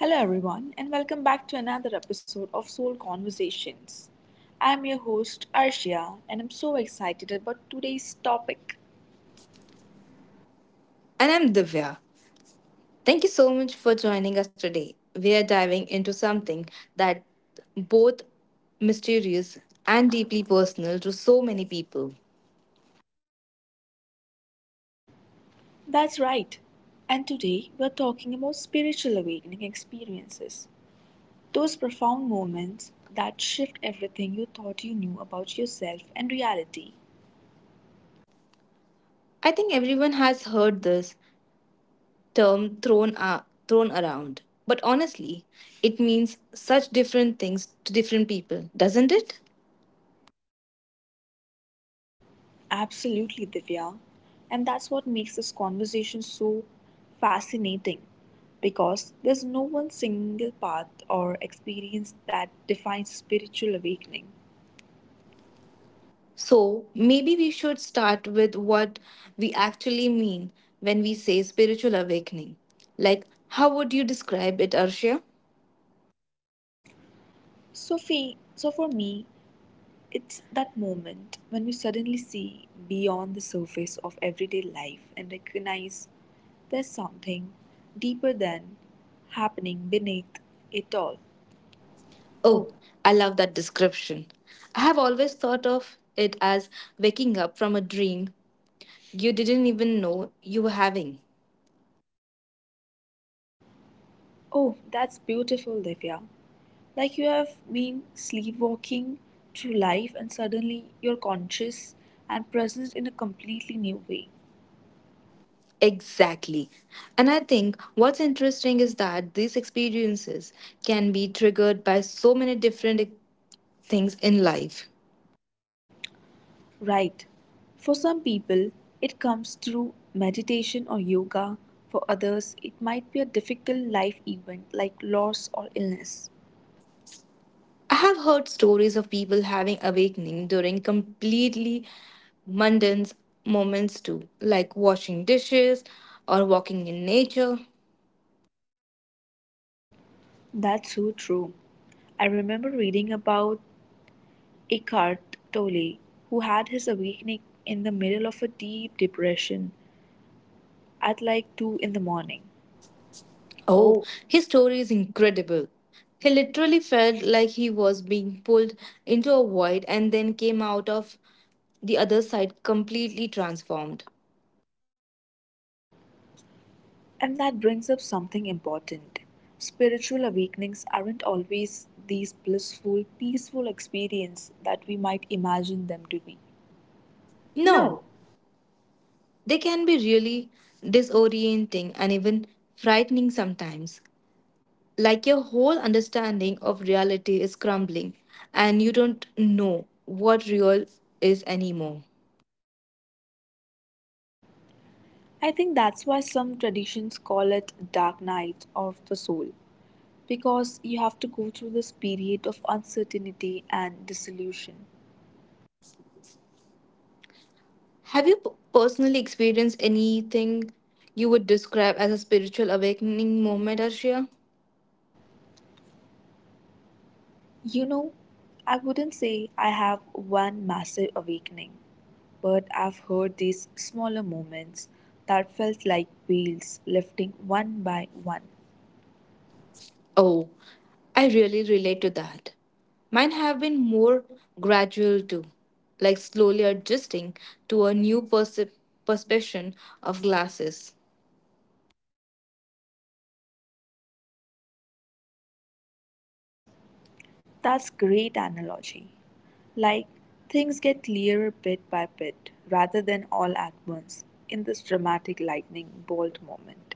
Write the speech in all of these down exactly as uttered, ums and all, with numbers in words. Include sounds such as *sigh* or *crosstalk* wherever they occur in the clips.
Hello, everyone, and welcome back to another episode of Soul Conversations. I'm your host, Arshia, and I'm so excited about today's topic. And I'm Divya. Thank you so much for joining us today. We are diving into something that both mysterious and deeply personal to so many people. That's right, and today we're talking about spiritual awakening experiences, those profound moments that shift everything you thought you knew about yourself and reality. I think everyone has heard this term thrown a thrown around, but honestly, it means such different things to different people, doesn't it? Absolutely, Divya. And that's what makes this conversation so fascinating because there's no one single path or experience that defines spiritual awakening. So, maybe we should start with what we actually mean when we say spiritual awakening. Like, how would you describe it, Arshia? So, fe so for me, it's that moment when you suddenly see beyond the surface of everyday life and recognize there's something deeper than happening beneath it all. Oh, I love that description. I have always thought of it as waking up from a dream you didn't even know you were having. Oh, that's beautiful, Divya. Like you have been sleepwalking through life and suddenly you're conscious and present in a completely new way. Exactly. And I think what's interesting is that these experiences can be triggered by so many different things in life. Right. For some people, it comes through meditation or yoga. For others, it might be a difficult life event like loss or illness. I have heard stories of people having awakening during completely mundane moments too, like washing dishes or walking in nature. That's so true. I remember reading about Eckhart Tolle, who had his awakening in the middle of a deep depression at like two in the morning. Oh, Oh. his story is incredible. He literally felt like he was being pulled into a void and then came out of the other side completely transformed. And that brings up something important. Spiritual awakenings aren't always these blissful, peaceful experiences that we might imagine them to be. No, No, they can be really disorienting and even frightening sometimes. Like your whole understanding of reality is crumbling and you don't know what real is anymore. I think that's why some traditions call it dark night of the soul, because you have to go through this period of uncertainty and dissolution. Have you p- personally experienced anything you would describe as a spiritual awakening moment, Arshia? You know, I wouldn't say I have one massive awakening, but I've heard these smaller moments that felt like wheels lifting one by one. Oh, I really relate to that. Mine have been more gradual too, like slowly adjusting to a new percep perception of glasses. That's great analogy. Like things get clearer bit by bit rather than all at once in this dramatic lightning bolt moment.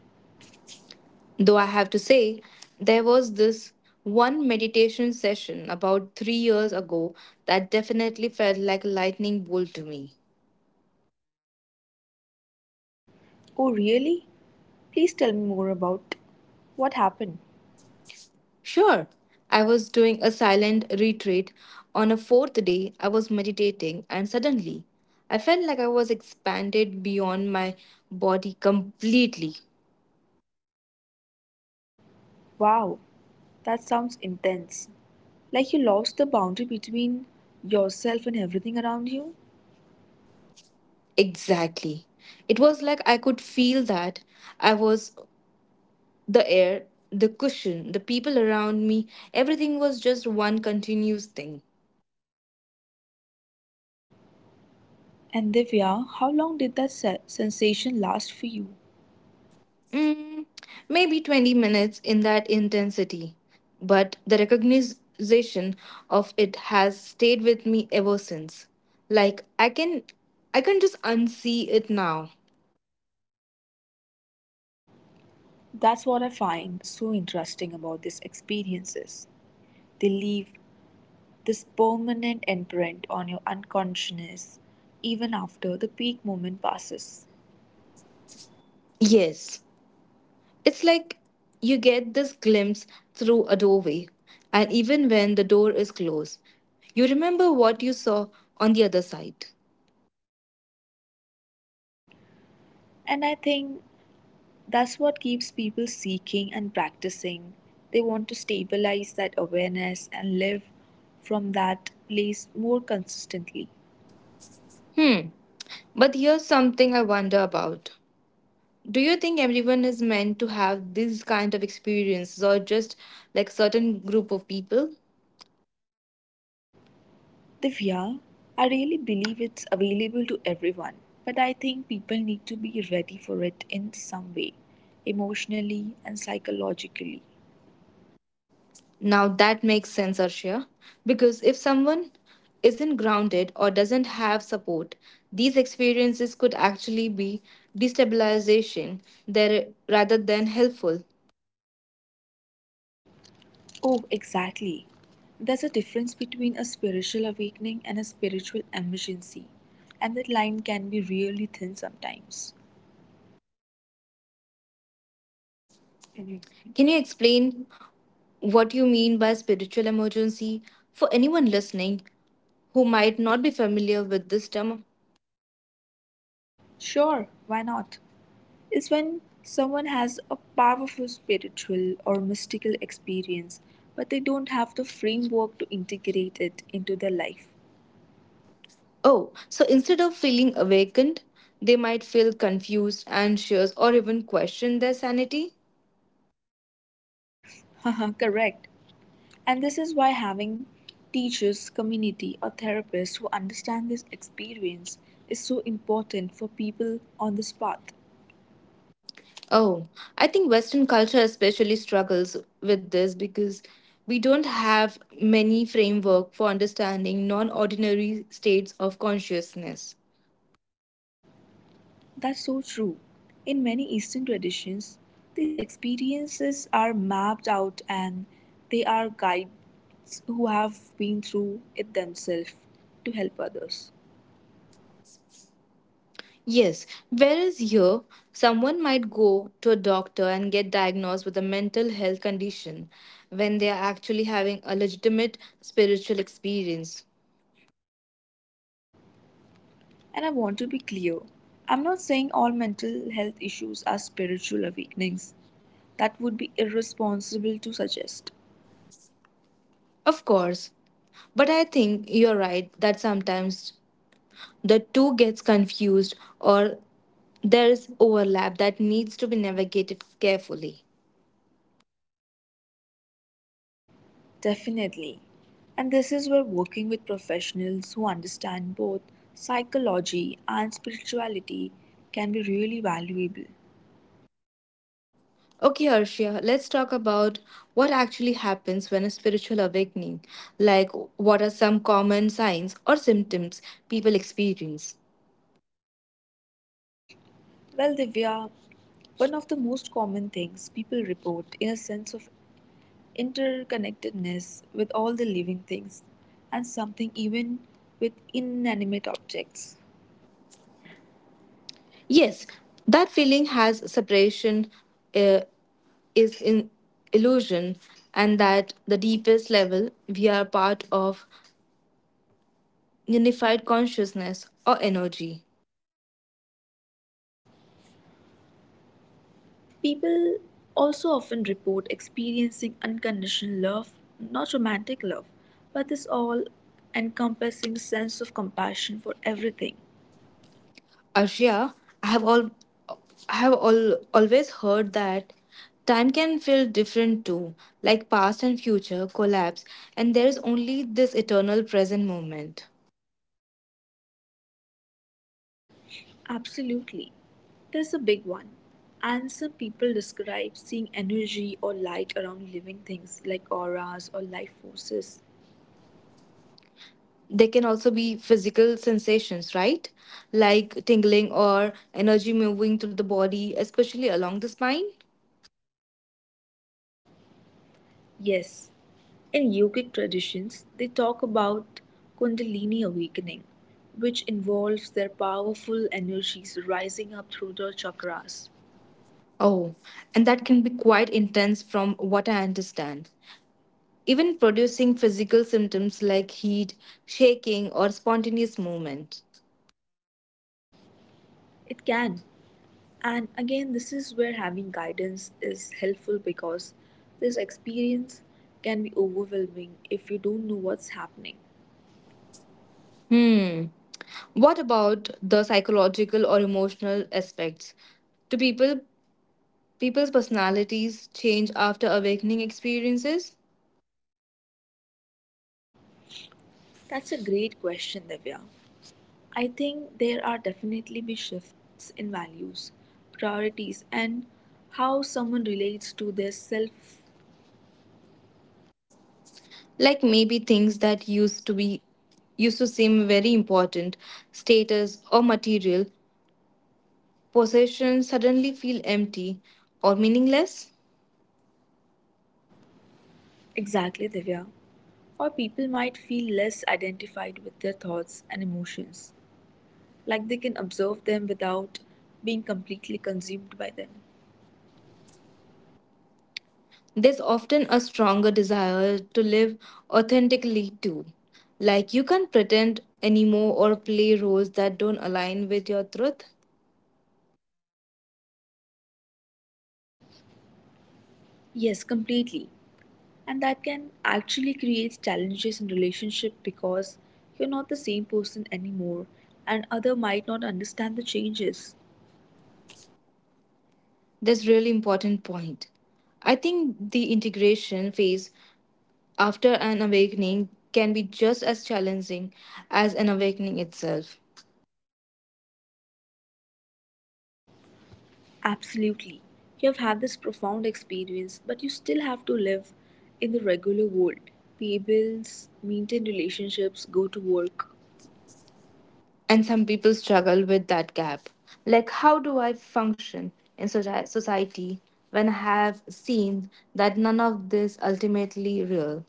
Though I have to say, there was this one meditation session about three years ago that definitely felt like a lightning bolt to me. Oh, really? Please tell me more about what happened. Sure. I was doing a silent retreat. On a fourth day, I was meditating, and suddenly, I felt like I was expanded beyond my body completely. Wow, that sounds intense. Like you lost the boundary between yourself and everything around you. Exactly. It was like I could feel that I was the air, the cushion, the people around me. Everything was just one continuous thing. And Divya, how long did that se- sensation last for you? Mm, maybe twenty minutes in that intensity, but the recognition of it has stayed with me ever since. Like I can I can just unsee it now. That's what I find so interesting about these experiences. They leave this permanent imprint on your unconsciousness even after the peak moment passes. Yes. It's like you get this glimpse through a doorway, and even when the door is closed, you remember what you saw on the other side. And I think that's what keeps people seeking and practicing. They want to stabilize that awareness and live from that place more consistently. Hmm. But here's something I wonder about. Do you think everyone is meant to have this kind of experiences or just like certain group of people? Divya, I really believe it's available to everyone, but I think people need to be ready for it in some way, emotionally and psychologically. Now that makes sense, Arshia. Because if someone isn't grounded or doesn't have support, these experiences could actually be destabilization there rather than helpful. Oh, exactly. There's a difference between a spiritual awakening and a spiritual emergency, and that line can be really thin sometimes. Can you explain what you mean by spiritual emergency for anyone listening who might not be familiar with this term? Sure, why not? Is when someone has a powerful spiritual or mystical experience, but they don't have the framework to integrate it into their life. Oh, so instead of feeling awakened, they might feel confused, anxious, or even question their sanity? *laughs* Correct. And this is why having teachers, community, or therapists who understand this experience is so important for people on this path. Oh, I think Western culture especially struggles with this because we don't have many framework for understanding non-ordinary states of consciousness. That's so true. In many Eastern traditions, these experiences are mapped out and they are guides who have been through it themselves to help others. Yes, whereas here, someone might go to a doctor and get diagnosed with a mental health condition when they are actually having a legitimate spiritual experience. And I want to be clear, I'm not saying all mental health issues are spiritual awakenings. That would be irresponsible to suggest. Of course, but I think you're right that sometimes the two gets confused or there's overlap that needs to be navigated carefully. Definitely. And this is where working with professionals who understand both psychology and spirituality can be really valuable. Okay, Arshia, let's talk about what actually happens when a spiritual awakening, like what are some common signs or symptoms people experience. Well, Divya, one of the most common things people report in a sense of interconnectedness with all the living things and something even with inanimate objects. Yes, that feeling has separation uh, is in illusion and that the deepest level we are part of unified consciousness or energy. People also often report experiencing unconditional love, not romantic love, but this all encompassing sense of compassion for everything. Arshia, I have all I have all, always heard that time can feel different too, like past and future collapse, and there is only this eternal present moment. Absolutely. There's a big one. And some people describe seeing energy or light around living things like auras or life forces. There can also be physical sensations, right? Like tingling or energy moving through the body, especially along the spine. Yes. In yogic traditions, they talk about Kundalini awakening, which involves their powerful energies rising up through the chakras. Oh, and that can be quite intense from what I understand, even producing physical symptoms like heat, shaking, or spontaneous movement. It can. And again, this is where having guidance is helpful because this experience can be overwhelming if you don't know what's happening. Hmm. What about the psychological or emotional aspects? Do people people's personalities change after awakening experiences? That's a great question, Divya. I think there are definitely be shifts in values, priorities, and how someone relates to their self Like maybe things that used to be used to seem very important, status or material possessions suddenly feel empty or meaningless? exactly, Divya. Or people might feel less identified with their thoughts and emotions, like they can observe them without being completely consumed by them. There's often a stronger desire to live authentically too. Like you can't pretend anymore or play roles that don't align with your truth. Yes, completely. And that can actually create challenges in relationship because you're not the same person anymore and other might not understand the changes. That's really important point. I think the integration phase after an awakening can be just as challenging as an awakening itself. Absolutely. You have had this profound experience, but you still have to live in the regular world. Pay bills, maintain relationships, go to work. And some people struggle with that gap. Like, how do I function in soci- society when I have seen that none of this ultimately real?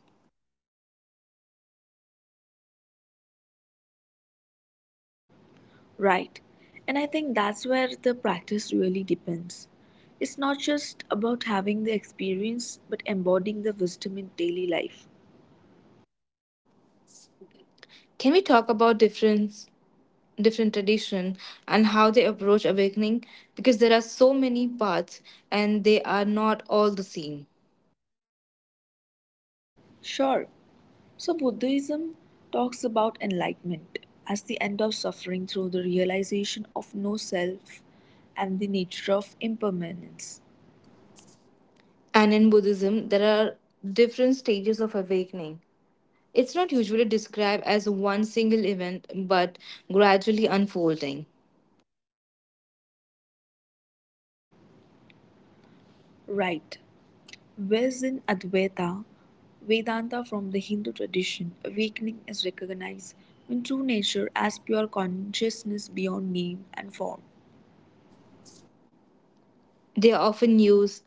Right. And I think that's where the practice really depends. It's not just about having the experience, but embodying the wisdom in daily life. Can we talk about difference different tradition and how they approach awakening because there are so many paths and they are not all the same. Sure. So, Buddhism talks about enlightenment as the end of suffering through the realization of no self and the nature of impermanence. And in Buddhism there are different stages of awakening. It's not usually described as one single event but gradually unfolding. Right. Whereas in Advaita, Vedanta from the Hindu tradition, awakening is recognized when true nature as pure consciousness beyond name and form. They often use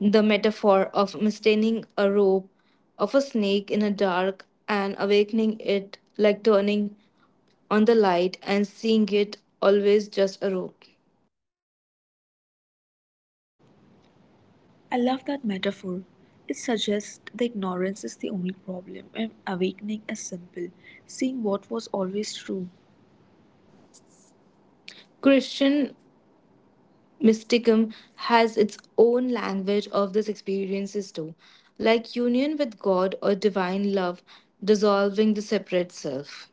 the metaphor of mistaining a rope of a snake in a dark and awakening it like turning on the light and seeing it always just a rope. I love that metaphor. It suggests the ignorance is the only problem and awakening is simple, seeing what was always true. Christian mysticism has its own language of these experiences too, like union with God or divine love dissolving the separate self.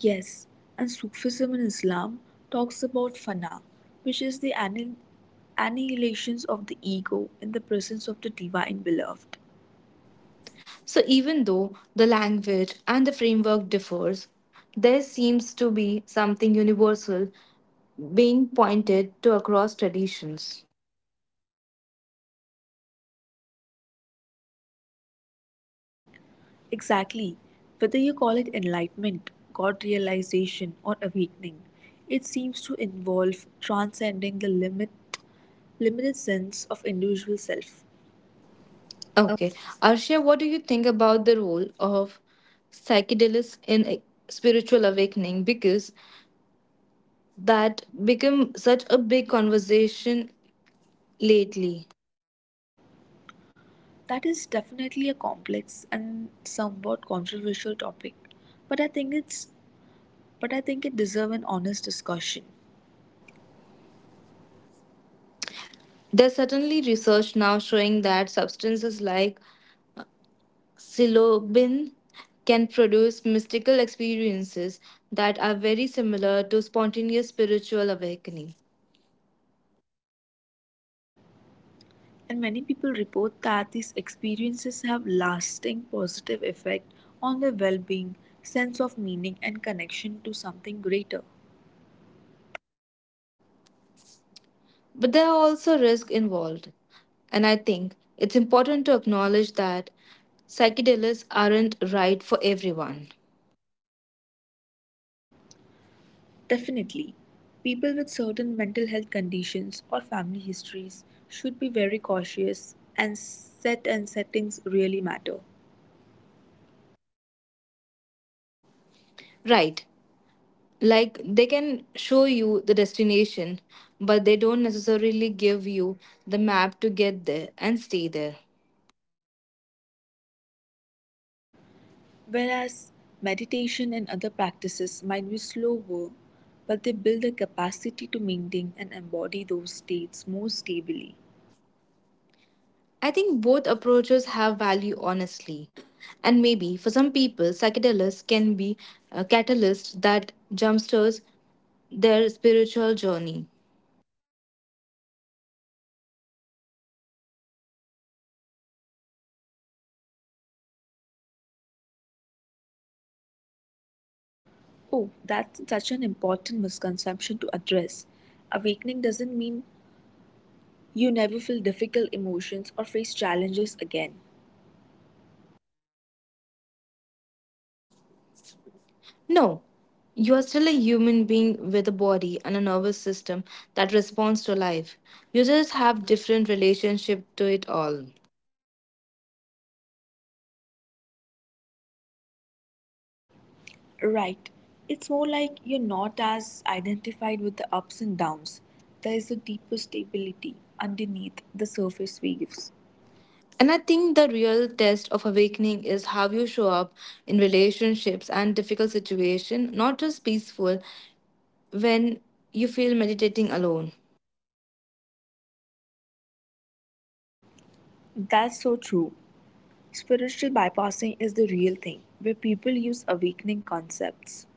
Yes, and Sufism in Islam talks about fana, which is the annihilation of the ego in the presence of the divine beloved. So even though the language and the framework differs, there seems to be something universal being pointed to across traditions. Exactly. Whether you call it enlightenment, God realization, or awakening, it seems to involve transcending the limit, limited sense of individual self. Okay. Arshia, what do you think about the role of psychedelics in a spiritual awakening? Because that become such a big conversation lately. That is definitely a complex and somewhat controversial topic, but I think it's but I think it deserves an honest discussion. There's certainly research now showing that substances like psilocybin can produce mystical experiences that are very similar to spontaneous spiritual awakening. And many people report that these experiences have lasting positive effect on their well-being, sense of meaning, and connection to something greater. But there are also risks involved. And I think it's important to acknowledge that psychedelics aren't right for everyone. Definitely, people with certain mental health conditions or family histories should be very cautious, and set and settings really matter. Right. Like they can show you the destination, but they don't necessarily give you the map to get there and stay there. Whereas meditation and other practices might be slower, but they build a capacity to maintain and embody those states more stably. I think both approaches have value honestly. And maybe for some people, psychedelics can be a catalyst that jumpstarts their spiritual journey. Oh, that's such an important misconception to address. Awakening doesn't mean you never feel difficult emotions or face challenges again. No, you are still a human being with a body and a nervous system that responds to life. You just have different relationship to it all. Right. It's more like you're not as identified with the ups and downs. There is a deeper stability underneath the surface waves. And I think the real test of awakening is how you show up in relationships and difficult situation, not just peaceful when you feel meditating alone. That's so true. Spiritual bypassing is the real thing, where people use awakening concepts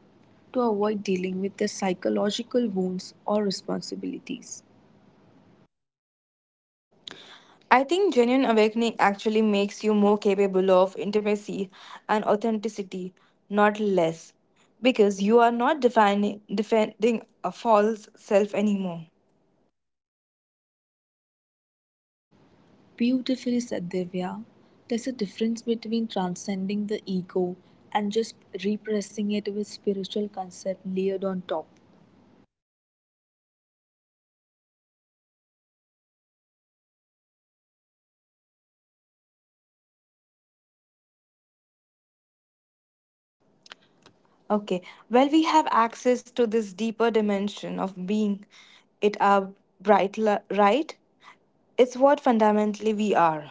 to avoid dealing with their psychological wounds or responsibilities. I think genuine awakening actually makes you more capable of intimacy and authenticity, not less, because you are not defining, defending a false self anymore. Beautifully said, Divya. There's a difference between transcending the ego and just repressing it with spiritual concept layered on top. Okay, well, we have access to this deeper dimension of being it our bright li- right. It's what fundamentally we are.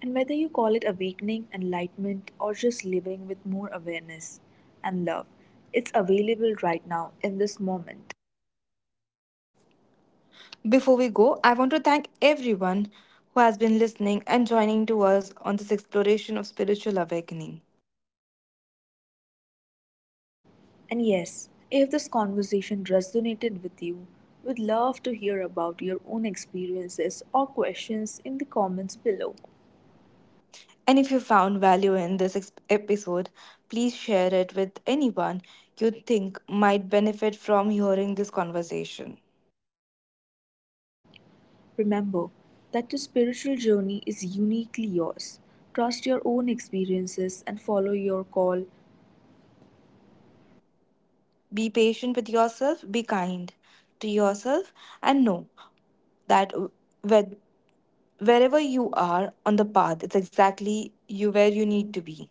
And whether you call it awakening, enlightenment, or just living with more awareness and love, it's available right now in this moment. Before we go, I want to thank everyone who has been listening and joining to us on this exploration of spiritual awakening. And yes, if this conversation resonated with you, we'd love to hear about your own experiences or questions in the comments below. And if you found value in this ex- episode, please share it with anyone you think might benefit from hearing this conversation. Remember that your spiritual journey is uniquely yours. Trust your own experiences and follow your call. Be patient with yourself, be kind to yourself, and know that whe- wherever you are on the path, it's exactly you where you need to be.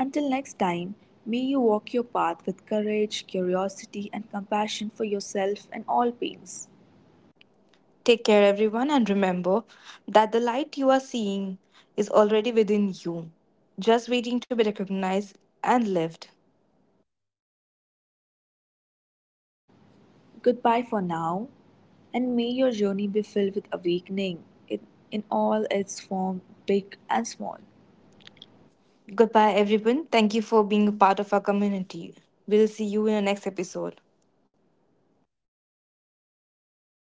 Until next time, may you walk your path with courage, curiosity, and compassion for yourself and all beings. Take care, everyone, and remember that the light you are seeing is already within you, just waiting to be recognized and lived. Goodbye for now, and may your journey be filled with awakening in, in all its form, big and small. Goodbye, everyone. Thank you for being a part of our community. We'll see you in the next episode.